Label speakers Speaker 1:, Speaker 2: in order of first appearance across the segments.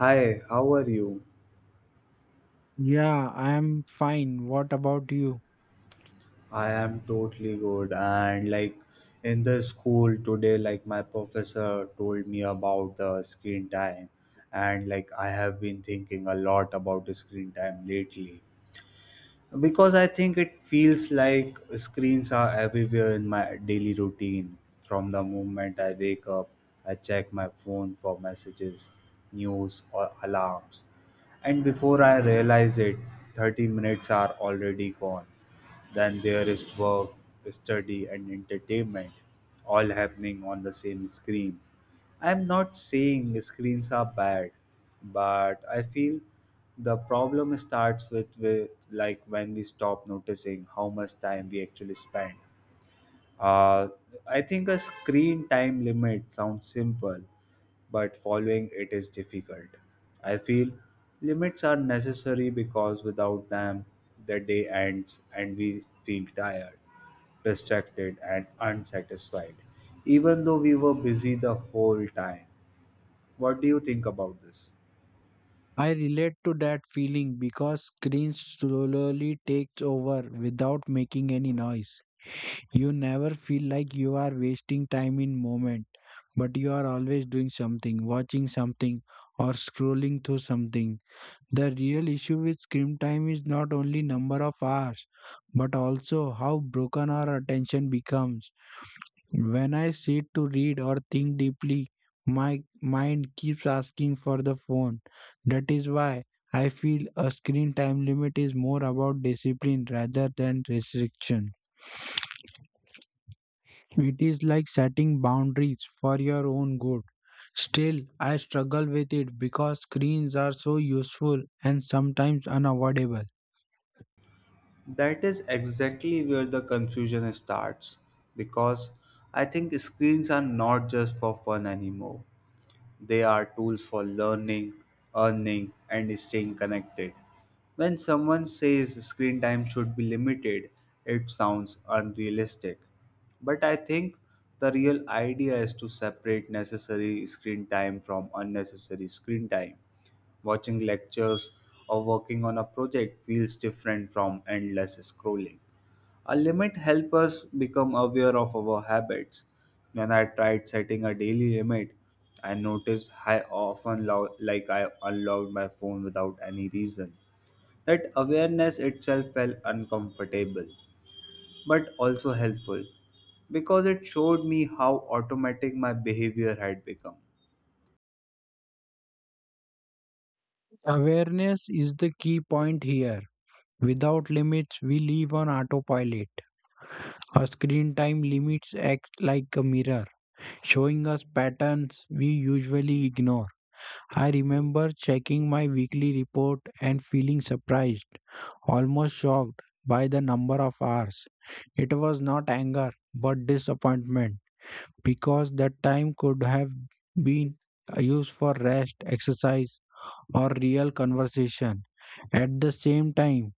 Speaker 1: Hi, how are you?
Speaker 2: Yeah, I'm fine. What about you?
Speaker 1: I am totally good. And like In the school today, like my professor told me about the screen time. And like I have been thinking a lot about the screen time lately, because I think it feels like screens are everywhere in my daily routine. From the moment I wake up, I check my phone for messages, news, or alarms. And before I realize it, 30 minutes are already gone. Then there is work, study, and entertainment all happening on the same screen. I'm not saying screens are bad, but I feel the problem starts with when we stop noticing how much time we actually spend. Uh, I think a screen time limit sounds simple, but following it is difficult. I feel limits are necessary because without them, the day ends and we feel tired, distracted, and unsatisfied, even though we were busy the whole time. What do you think about this?
Speaker 2: I relate to that feeling because screens slowly takes over without making any noise. You never feel like you are wasting time in moment, but you are always doing something, watching something or scrolling through something. The real issue with screen time is not only number of hours, but also how broken our attention becomes. When I sit to read or think deeply, my mind keeps asking for the phone. That is why I feel a screen time limit is more about discipline rather than restriction. It is like setting boundaries for your own good. Still, I struggle with it because screens are so useful and sometimes unavoidable.
Speaker 1: That is exactly where the confusion starts, because I think screens are not just for fun anymore. They are tools for learning, earning, and staying connected. When someone says screen time should be limited, it sounds unrealistic. But I think the real idea is to separate necessary screen time from unnecessary screen time. Watching lectures or working on a project feels different from endless scrolling. A limit helps us become aware of our habits. When I tried setting a daily limit, I noticed I often lo- like I unlocked my phone without any reason. That awareness itself felt uncomfortable, but also helpful because it showed me how automatic my behavior had become.
Speaker 2: Awareness is the key point here. Without limits, we live on autopilot. Our screen time limits act like a mirror, showing us patterns we usually ignore. I remember checking my weekly report and feeling surprised, almost shocked, by the number of hours. It was not anger but disappointment because that time could have been used for rest, exercise, or real conversation. At the same time,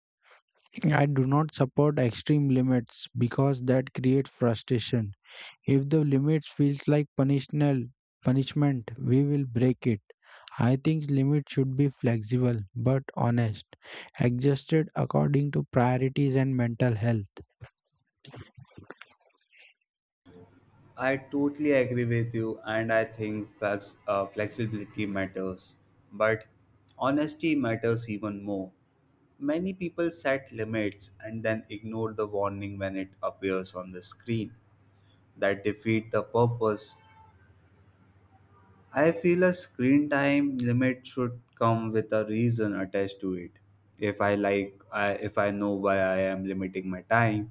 Speaker 2: I do not support extreme limits because that creates frustration. If the limits feels like punishment, we will break it. I think limits should be flexible but honest, adjusted according to priorities and mental health.
Speaker 1: I totally agree with you, and I think flexibility matters, but honesty matters even more. Many people set limits and then ignore the warning when it appears on the screen. That defeat the purpose. I feel a screen time limit should come with a reason attached to it. If I know why I am limiting my time,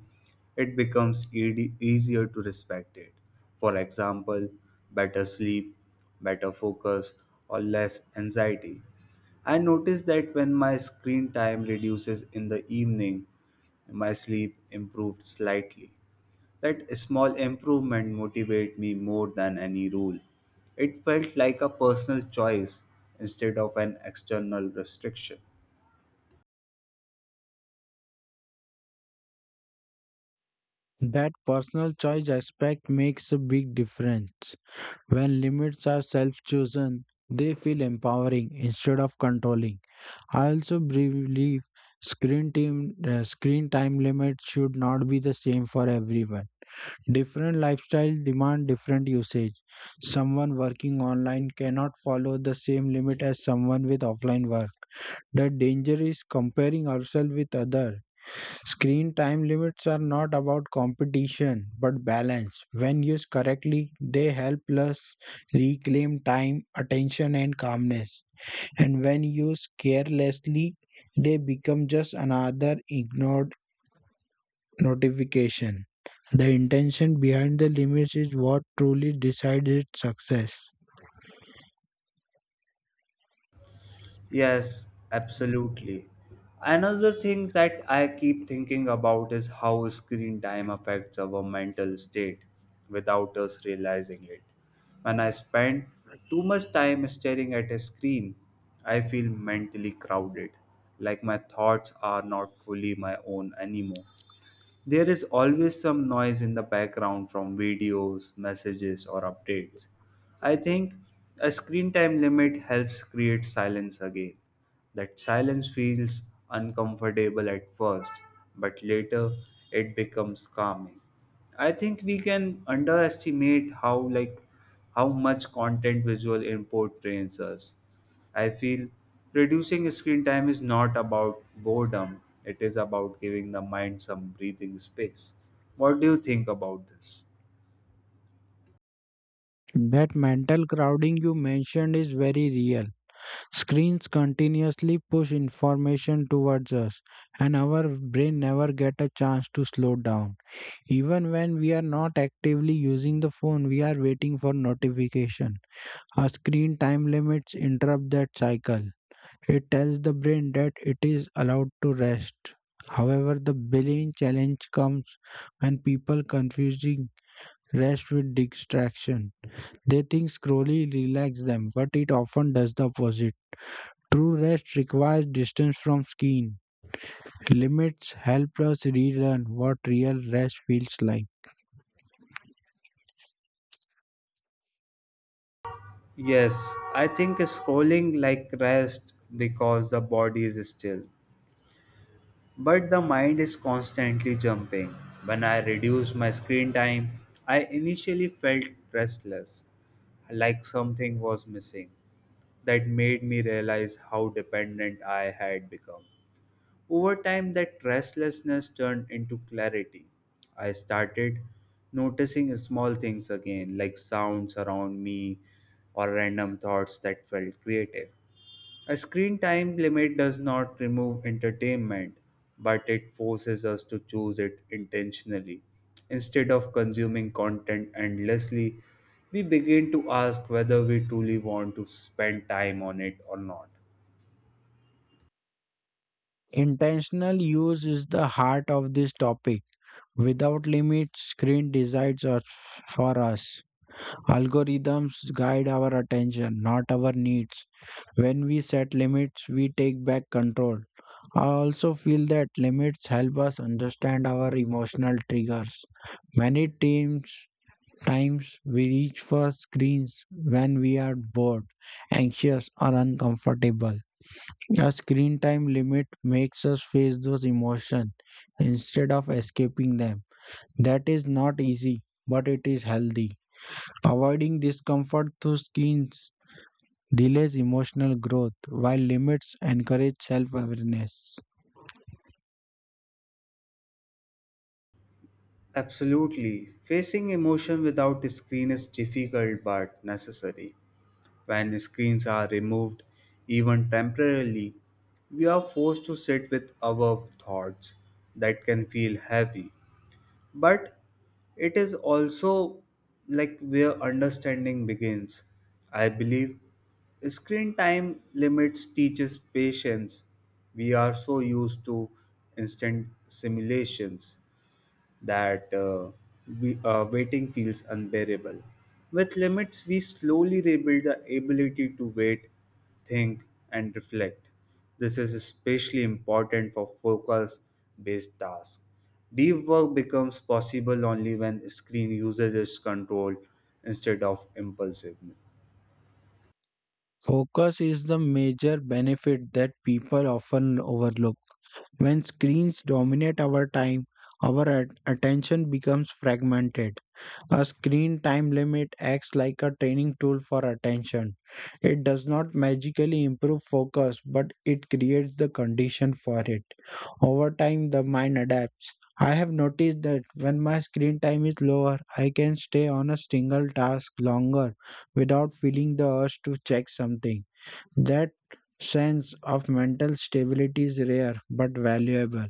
Speaker 1: it becomes easier to respect it. For example, better sleep, better focus, or less anxiety. I notice that when my screen time reduces in the evening, my sleep improved slightly. That small improvement motivated me more than any rule. It felt like a personal choice instead of an external restriction.
Speaker 2: That personal choice aspect makes a big difference. When limits are self chosen, they feel empowering instead of controlling. I also believe screen time limits should not be the same for everyone. Different lifestyle demand different usage. Someone working online cannot follow the same limit as someone with offline work. The danger is comparing ourselves with others. Screen time limits are not about competition but balance. When used correctly, they help us reclaim time, attention, and calmness. And when used carelessly, they become just another ignored notification. The intention behind the limits is what truly decides its success.
Speaker 1: Yes, absolutely. Another thing that I keep thinking about is how screen time affects our mental state without us realizing it. When I spend too much time staring at a screen, I feel mentally crowded, like my thoughts are not fully my own anymore. There is always some noise in the background from videos, messages, or updates. I think a screen time limit helps create silence again. That silence feels uncomfortable at first, but later it becomes calming. I think we can underestimate how much content visual input trains us. I feel reducing screen time is not about boredom, it is about giving the mind some breathing space. What do you think about this?
Speaker 2: That mental crowding you mentioned is very real. Screens continuously push information towards us, and our brain never get a chance to slow down. Even when we are not actively using the phone, we are waiting for notification. A screen time limits interrupt that cycle. It tells the brain that it is allowed to rest. However, the billion challenge comes when people confusing rest with distraction. They think scrolling relax them, but it often does the opposite. True rest requires distance from screen. Limits help us relearn what real rest feels like.
Speaker 1: Yes, I think scrolling like rest because the body is still, but the mind is constantly jumping. When I reduced my screen time, I initially felt restless, like something was missing. That made me realize how dependent I had become. Over time, that restlessness turned into clarity. I started noticing small things again, like sounds around me or random thoughts that felt creative. A screen time limit does not remove entertainment, but it forces us to choose it intentionally. Instead of consuming content endlessly, we begin to ask whether we truly want to spend time on it or not.
Speaker 2: Intentional use is the heart of this topic. Without limits, screen decides us for us. Algorithms guide our attention, not our needs. When we set limits, we take back control. I also feel that limits help us understand our emotional triggers. Many teams times we reach for screens when we are bored, anxious, or uncomfortable. A screen time limit makes us face those emotions instead of escaping them. That is not easy, but it is healthy. Avoiding discomfort through screens delays emotional growth, while limits encourage self awareness.
Speaker 1: Absolutely. Facing emotion without the screen is difficult but necessary. When screens are removed, even temporarily, we are forced to sit with our thoughts that can feel heavy, but it is also like where understanding begins. I believe screen time limits teaches patience. We are so used to instant simulations that waiting feels unbearable. With limits we slowly rebuild the ability to wait, think, and reflect. This is especially important for focus based tasks. Deep work becomes possible only when screen usage is controlled instead of impulsiveness.
Speaker 2: Focus is the major benefit that people often overlook. When screens dominate our time, our attention becomes fragmented. A screen time limit acts like a training tool for attention. It does not magically improve focus, but it creates the condition for it. Over time, the mind adapts. I have noticed that when my screen time is lower, I can stay on a single task longer without feeling the urge to check something. That sense of mental stability is rare but valuable.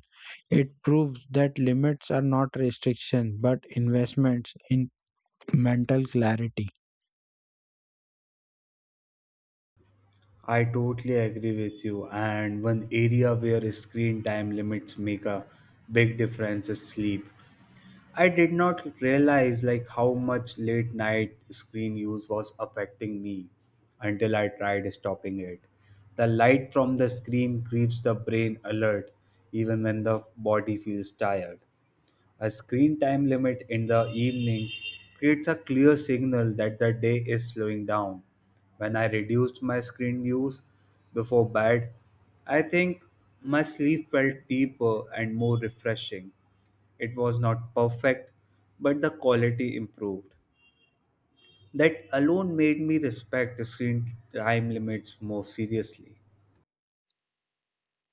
Speaker 2: It proves that limits are not restrictions but investments in mental clarity.
Speaker 1: I totally agree with you. And one area where screen time limits make a big difference is sleep. I did not realize like how much late night screen use was affecting me until I tried stopping it. The light from the screen keeps the brain alert even when the body feels tired. A screen time limit in the evening creates a clear signal that the day is slowing down. When I reduced my screen use before bed, I think my sleep felt deeper and more refreshing. It was not perfect, but the quality improved. That alone made me respect the screen time limits more seriously.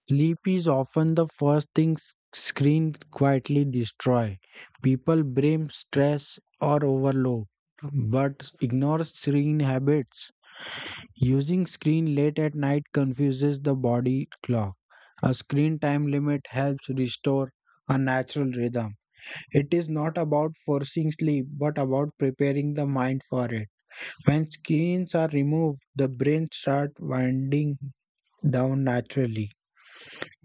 Speaker 2: Sleep is often the first thing screen quietly destroy. People blame stress or overload but ignore screen habits. Using screen late at night confuses the body clock. A screen time limit helps restore a natural rhythm. It is not about forcing sleep, but about preparing the mind for it. When screens are removed, the brain starts winding down naturally.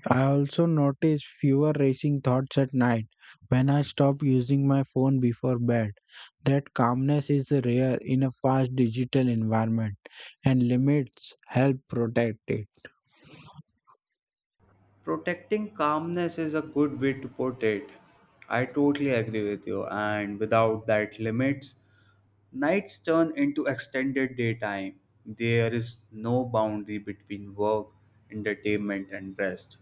Speaker 2: I also notice fewer racing thoughts at night when I stop using my phone before bed. That calmness is rare in a fast digital environment, and limits help protect it.
Speaker 1: Protecting calmness is a good way to put it. I totally agree with you, and without that limits, nights turn into extended daytime. There is no boundary between work, entertainment, and rest.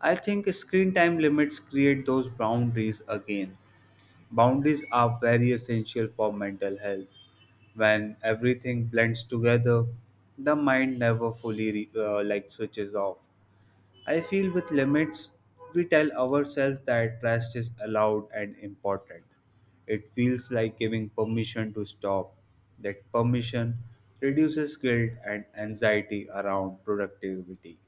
Speaker 1: I think screen time limits create those boundaries again. Boundaries are very essential for mental health. When everything blends together, the mind never fully switches off. I feel with limits, we tell ourselves that rest is allowed and important. It feels like giving permission to stop. That permission reduces guilt and anxiety around productivity.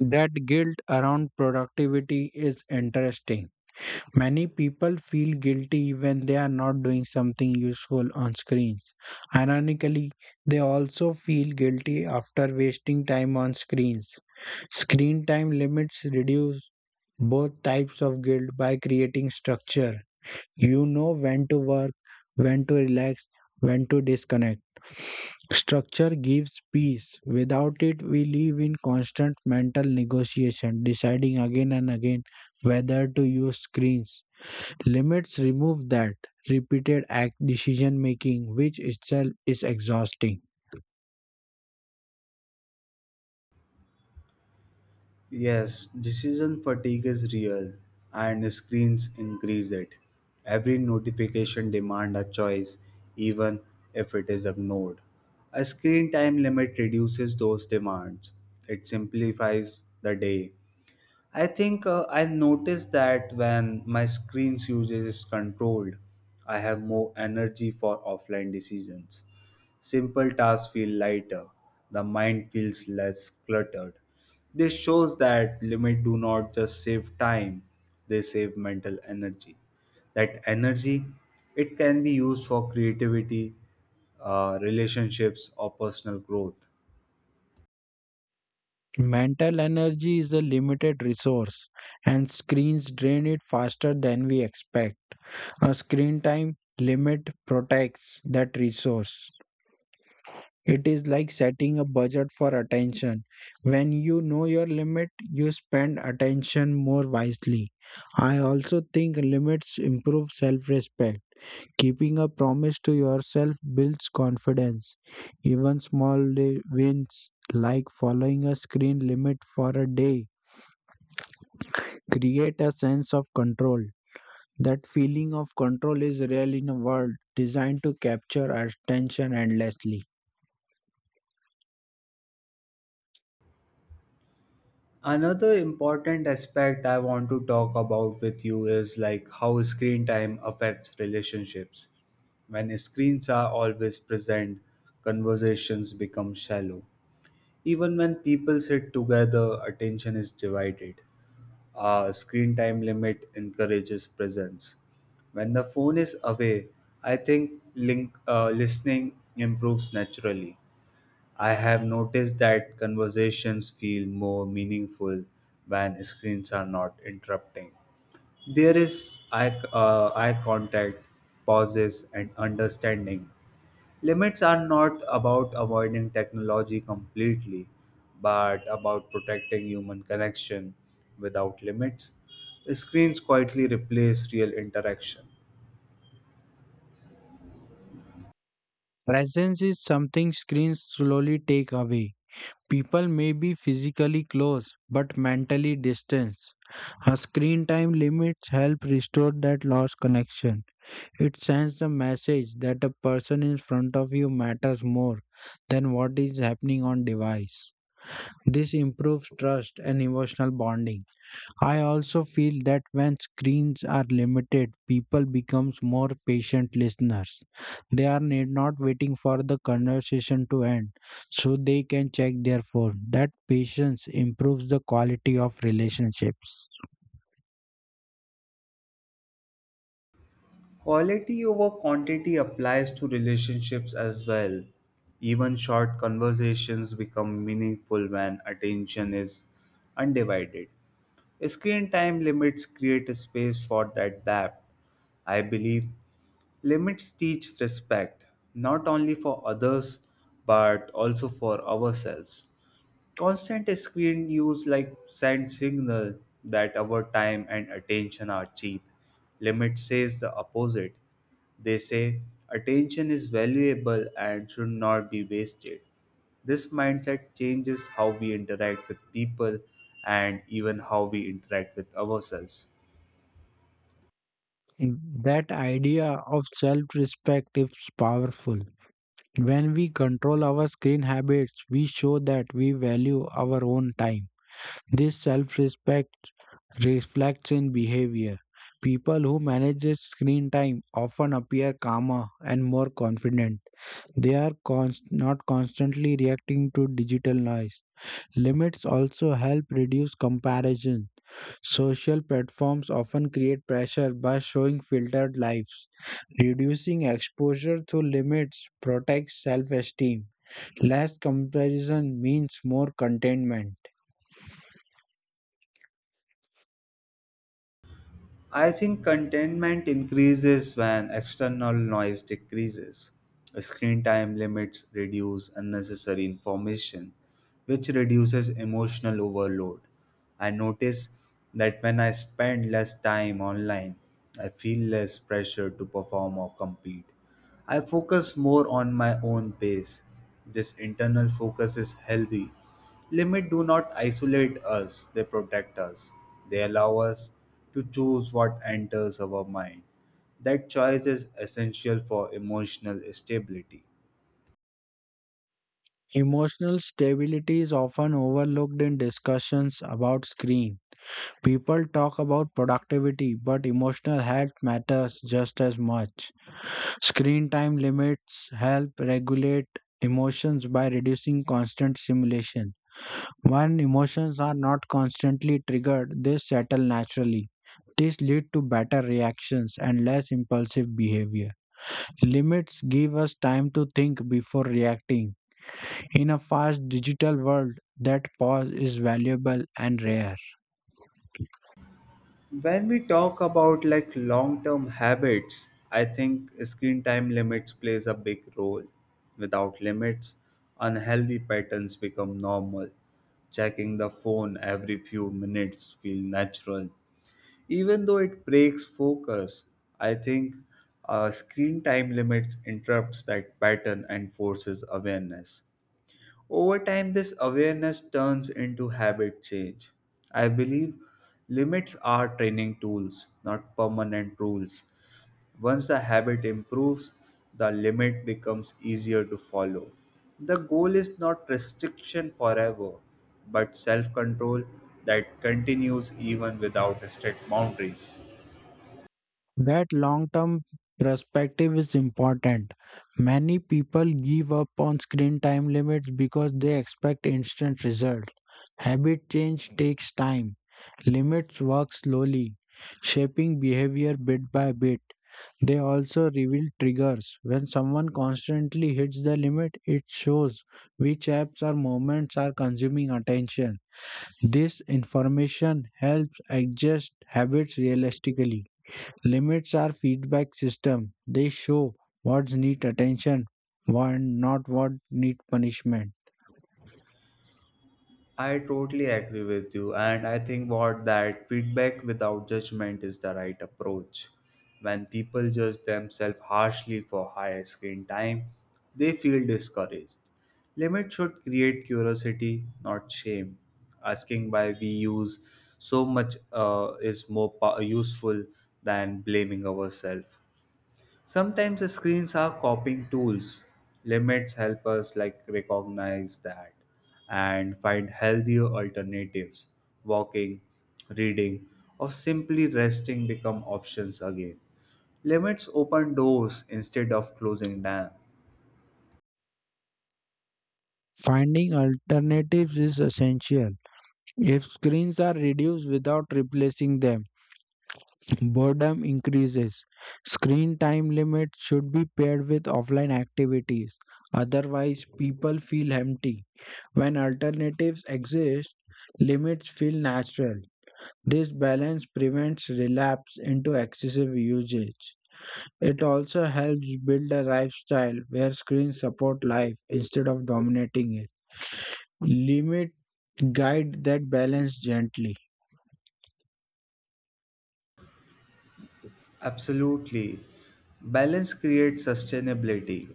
Speaker 2: That guilt around productivity is interesting. Many people feel guilty when they are not doing something useful on screens. Ironically, they also feel guilty after wasting time on screens. Screen time limits reduce both types of guilt by creating structure. You know when to work, when to relax, when to disconnect. Structure gives peace. Without it, we live in constant mental negotiation, deciding again and again whether to use screens. Limits remove that repeated act decision making, which itself is exhausting.
Speaker 1: Yes, decision fatigue is real and screens increase it. Every notification demands a choice even if it is ignored. A screen time limit reduces those demands. It simplifies the day. I noticed that when my screen's usage is controlled, I have more energy for offline decisions. Simple tasks feel lighter, the mind feels less cluttered. This shows that limits do not just save time, they save mental energy. That energy, it can be used for creativity, relationships, or personal growth.
Speaker 2: Mental energy is a limited resource, and screens drain it faster than we expect. A screen time limit protects that resource. It is like setting a budget for attention. When you know your limit, you spend attention more wisely. I also think limits improve self respect. Keeping a promise to yourself builds confidence. Even small day wins, like following a screen limit for a day, create a sense of control. That feeling of control is real in a world designed to capture our attention endlessly.
Speaker 1: Another important aspect I want to talk about with you is like how screen time affects relationships. When screens are always present, conversations become shallow. Even when people sit together, attention is divided. A screen time limit encourages presence. When the phone is away, listening improves naturally. I have noticed that conversations feel more meaningful when screens are not interrupting. There is eye contact, pauses, and understanding. Limits are not about avoiding technology completely, but about protecting human connection. Without limits, screens quietly replace real interaction.
Speaker 2: Presence is something screens slowly take away. People may be physically close but mentally distant. A screen time limits help restore that lost connection. It sends the message that a person in front of you matters more than what is happening on device. This improves trust and emotional bonding. I also feel that when screens are limited, people becomes more patient listeners. They are need not waiting for the conversation to end so they can check their phone. That patience improves the quality of relationships.
Speaker 1: Quality over quantity applies to relationships as well. Even short conversations become meaningful when attention is undivided. Screen time limits create a space for that depth. I believe limits teach respect, not only for others but also for ourselves. Constant screen use like send signal that our time and attention are cheap. Limit says the opposite. They say attention is valuable and should not be wasted. This mindset changes how we interact with people and even how we interact with ourselves.
Speaker 2: That idea of self-respect is powerful. When we control our screen habits, we show that we value our own time. This self respect reflects in behavior. People who manage their screen time often appear calmer and more confident. They are not constantly reacting to digital noise. Limits also help reduce comparison. Social platforms often create pressure by showing filtered lives. Reducing exposure through limits protects self esteem. Less comparison means more contentment.
Speaker 1: I think contentment increases when external noise decreases. Screen time limits reduce unnecessary information, which reduces emotional overload. I notice that when I spend less time online, I feel less pressure to perform or compete. I focus more on my own pace. This internal focus is healthy. Limits do not isolate us, they protect us. They allow us to choose what enters our mind. That choice is essential for emotional stability.
Speaker 2: Emotional stability is often overlooked in discussions about screen. People talk about productivity, but emotional health matters just as much. Screen time limits help regulate emotions by reducing constant stimulation. When emotions are not constantly triggered, they settle naturally. This leads to better reactions and less impulsive behavior. Limits give us time to think before reacting. In a fast digital world, that pause is valuable and rare.
Speaker 1: When we talk about like long-term habits, I think screen time limits plays a big role. Without limits, unhealthy patterns become normal. Checking the phone every few minutes feel natural. Even though it breaks focus, I think screen time limits interrupts that pattern and forces awareness. Over time, this awareness turns into habit change. I believe limits are training tools, not permanent rules. Once the habit improves, the limit becomes easier to follow. The goal is not restriction forever, but self control that continues even without strict boundaries.
Speaker 2: That long term perspective is important. Many people give up on screen time limits because they expect instant results. Habit change takes time. Limits work slowly, shaping behavior bit by bit. They also reveal triggers. When someone constantly hits the limit, it shows which apps or moments are consuming attention. This information helps adjust habits realistically. Limits are feedback system. They show what needs attention and not what needs punishment.
Speaker 1: I totally agree with you, and I think what that feedback without judgment is the right approach. When people judge themselves harshly for high screen time, they feel discouraged. Limit should create curiosity, not shame. Asking why we use so much is more useful than blaming ourselves. Sometimes the screens are copying tools. Limits help us like recognize that and find healthier alternatives. Walking, reading, or simply resting become options again. Limits open doors instead of closing them.
Speaker 2: Finding alternatives is essential. If screens are reduced without replacing them, boredom increases. Screen time limits should be paired with offline activities, otherwise, people feel empty. When alternatives exist, limits feel natural. This balance prevents relapse into excessive usage. It also helps build a lifestyle where screens support life instead of dominating it. Limit guide that balance gently.
Speaker 1: Absolutely. Balance creates sustainability.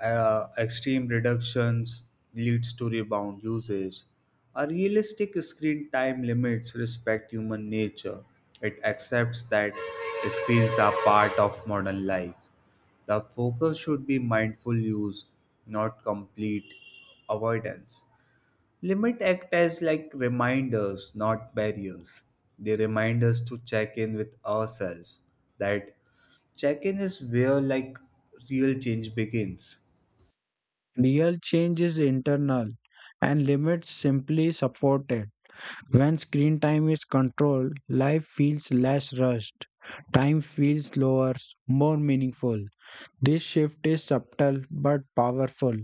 Speaker 1: Extreme reductions leads to rebound usage. A realistic screen time limits respect human nature. It accepts that screens are part of modern life. The focus should be mindful use, not complete avoidance. Limit act as like reminders, not barriers. They remind us to check in with ourselves. That check in is where real change begins.
Speaker 2: Real change is internal and limits simply supported. When screen time is controlled, life feels less rushed. Time feels slower, more meaningful. This shift is subtle but powerful.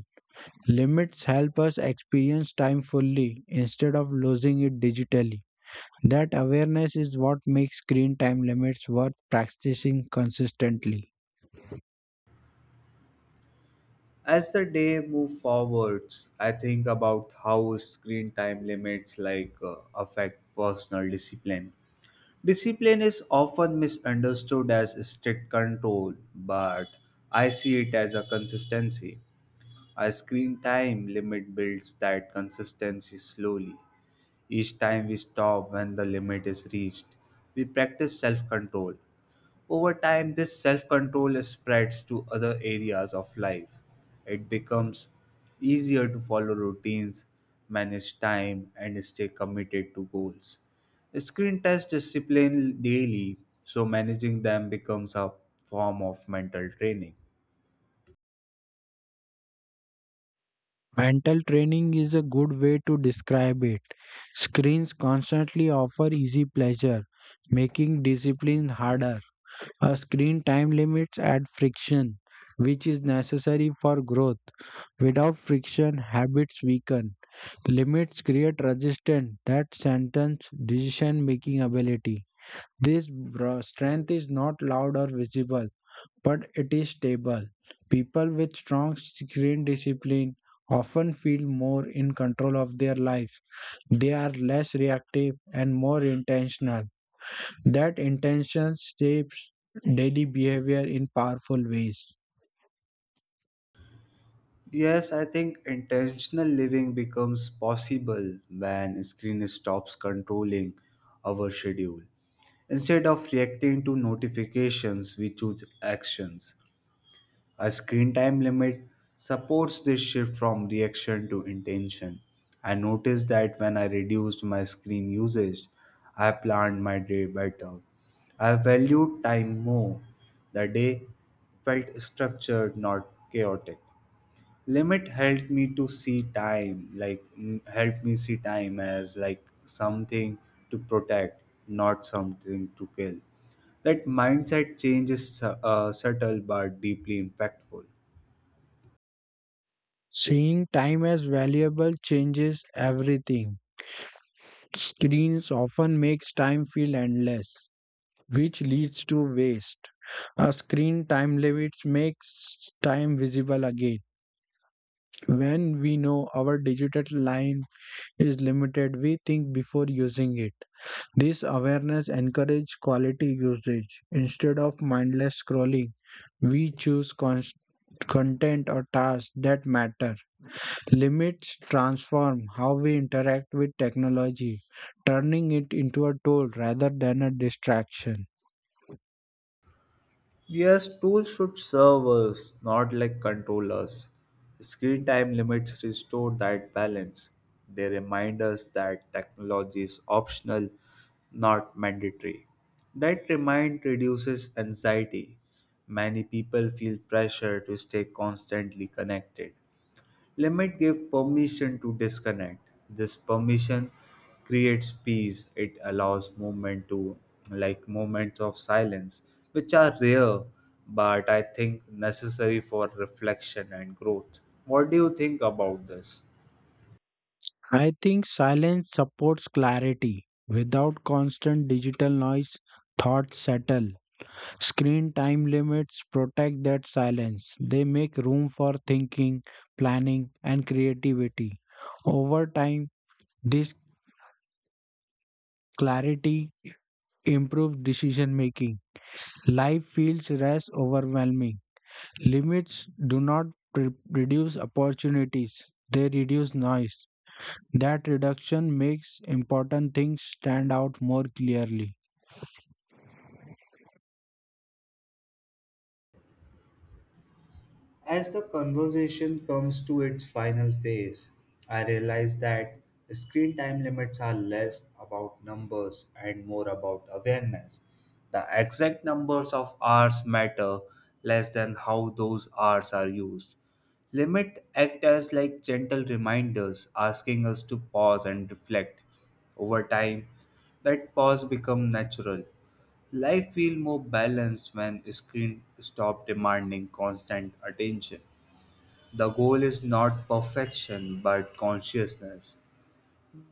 Speaker 2: Limits help us experience time fully instead of losing it digitally. That awareness is what makes screen time limits worth practicing consistently.
Speaker 1: As the day moves forwards, I think about how screen time limits affect personal discipline. Discipline is often misunderstood as strict control, but I see it as a consistency. A screen time limit builds that consistency slowly. Each time we stop when the limit is reached, we practice self control. Over time, this self control spreads to other areas of life. It becomes easier to follow routines, manage time, and stay committed to goals. Screen test discipline daily, so managing them becomes a form of mental training.
Speaker 2: Mental training is a good way to describe it. Screens constantly offer easy pleasure, making discipline harder. A screen time limits add friction, which is necessary for growth. Without friction, habits weaken. Limits create resistance that strengthens decision making ability. This strength is not loud or visible but it is stable. People with strong screen discipline often feel more in control of their life. They are less reactive and more intentional. That intention shapes daily behavior in powerful ways.
Speaker 1: Yes, I think intentional living becomes possible when screen stops controlling our schedule. Instead of reacting to notifications, we choose actions. A screen time limit supports this shift from reaction to intention. I noticed that when I reduced my screen usage, I planned my day better. I valued time more. The day felt structured, not chaotic. Limit helped me to see time like mm, helped me see time as like something to protect, not something to kill. That mindset change is subtle but deeply impactful.
Speaker 2: Seeing time as valuable changes everything. Screens often makes time feel endless, which leads to waste. A screen time limit makes time visible again. When we know our digital line is limited, we think before using it. This awareness encourages quality usage. Instead of mindless scrolling, we choose content or tasks that matter. Limits transform how we interact with technology, turning it into a tool rather than a distraction.
Speaker 1: Yes, tools should serve us, not like control us. Screen time limits restore that balance. They remind us that technology is optional, not mandatory. That remind reduces anxiety. Many people feel pressure to stay constantly connected. Limit give permission to disconnect. This permission creates peace. It allows movement to like moments of silence, which are rare but I think necessary for reflection and growth. What do you think about this?
Speaker 2: I think silence supports clarity. Without constant digital noise, thoughts settle. Screen time limits protect that silence. They make room for thinking, planning, and creativity. Over time, this clarity improves decision making. Life feels less overwhelming. Limits do not reduce opportunities, they reduce noise. That reduction makes important things stand out more clearly.
Speaker 1: As the conversation comes to its final phase, I realize that screen time limits are less about numbers and more about awareness. The exact numbers of hours matter less than how those hours are used. Limit act as like gentle reminders asking us to pause and reflect. Over time, that pause become natural. Life feels more balanced when screen stop demanding constant attention. The goal is not perfection but consciousness.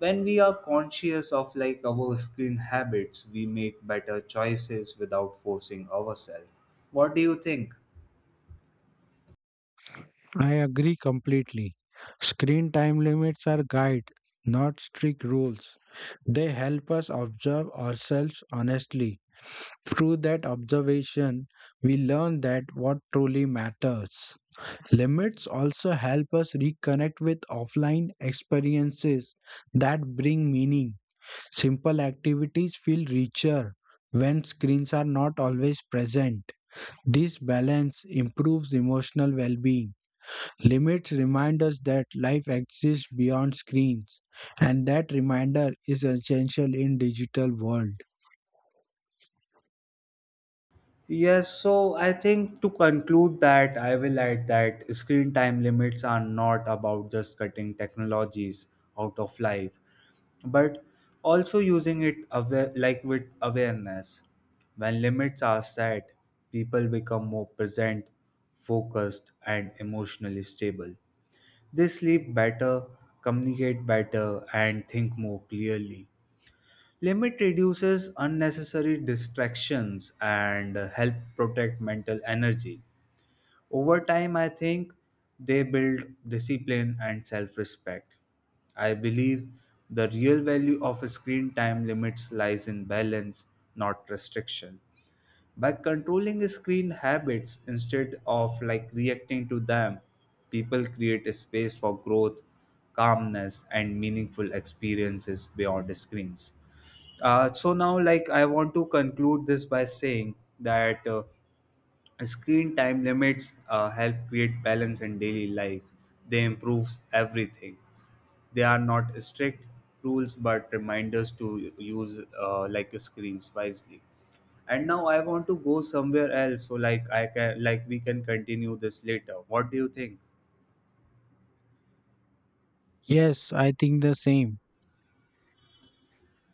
Speaker 1: When we are conscious of like our screen habits, we make better choices without forcing ourselves. What do you think?
Speaker 2: I agree completely. Screen time limits are guide, not strict rules. They help us observe ourselves honestly. Through that observation, we learn that what truly matters. Limits also help us reconnect with offline experiences that bring meaning. Simple activities feel richer when screens are not always present. This balance improves emotional well being. Limits remind us that life exists beyond screens, and that reminder is essential in digital world.
Speaker 1: Yes, so I think to conclude that I will add that screen time limits are not about just cutting technologies out of life, but also using it aware, like with awareness. When limits are set, people become more present, focused, and emotionally stable. They sleep better, communicate better, and think more clearly. Limit reduces unnecessary distractions and help protect mental energy. Over time, I think they build discipline and self respect. I believe the real value of screen time limits lies in balance, not restriction. By controlling screen habits instead of like reacting to them, people create a space for growth, calmness, and meaningful experiences beyond screens. So now like I want to conclude this by saying that screen time limits help create balance in daily life. They improve everything. They are not strict rules but reminders to use like screens wisely. And now I want to go somewhere else so like I can like we can continue this later. What do you think?
Speaker 2: Yes, I think the same.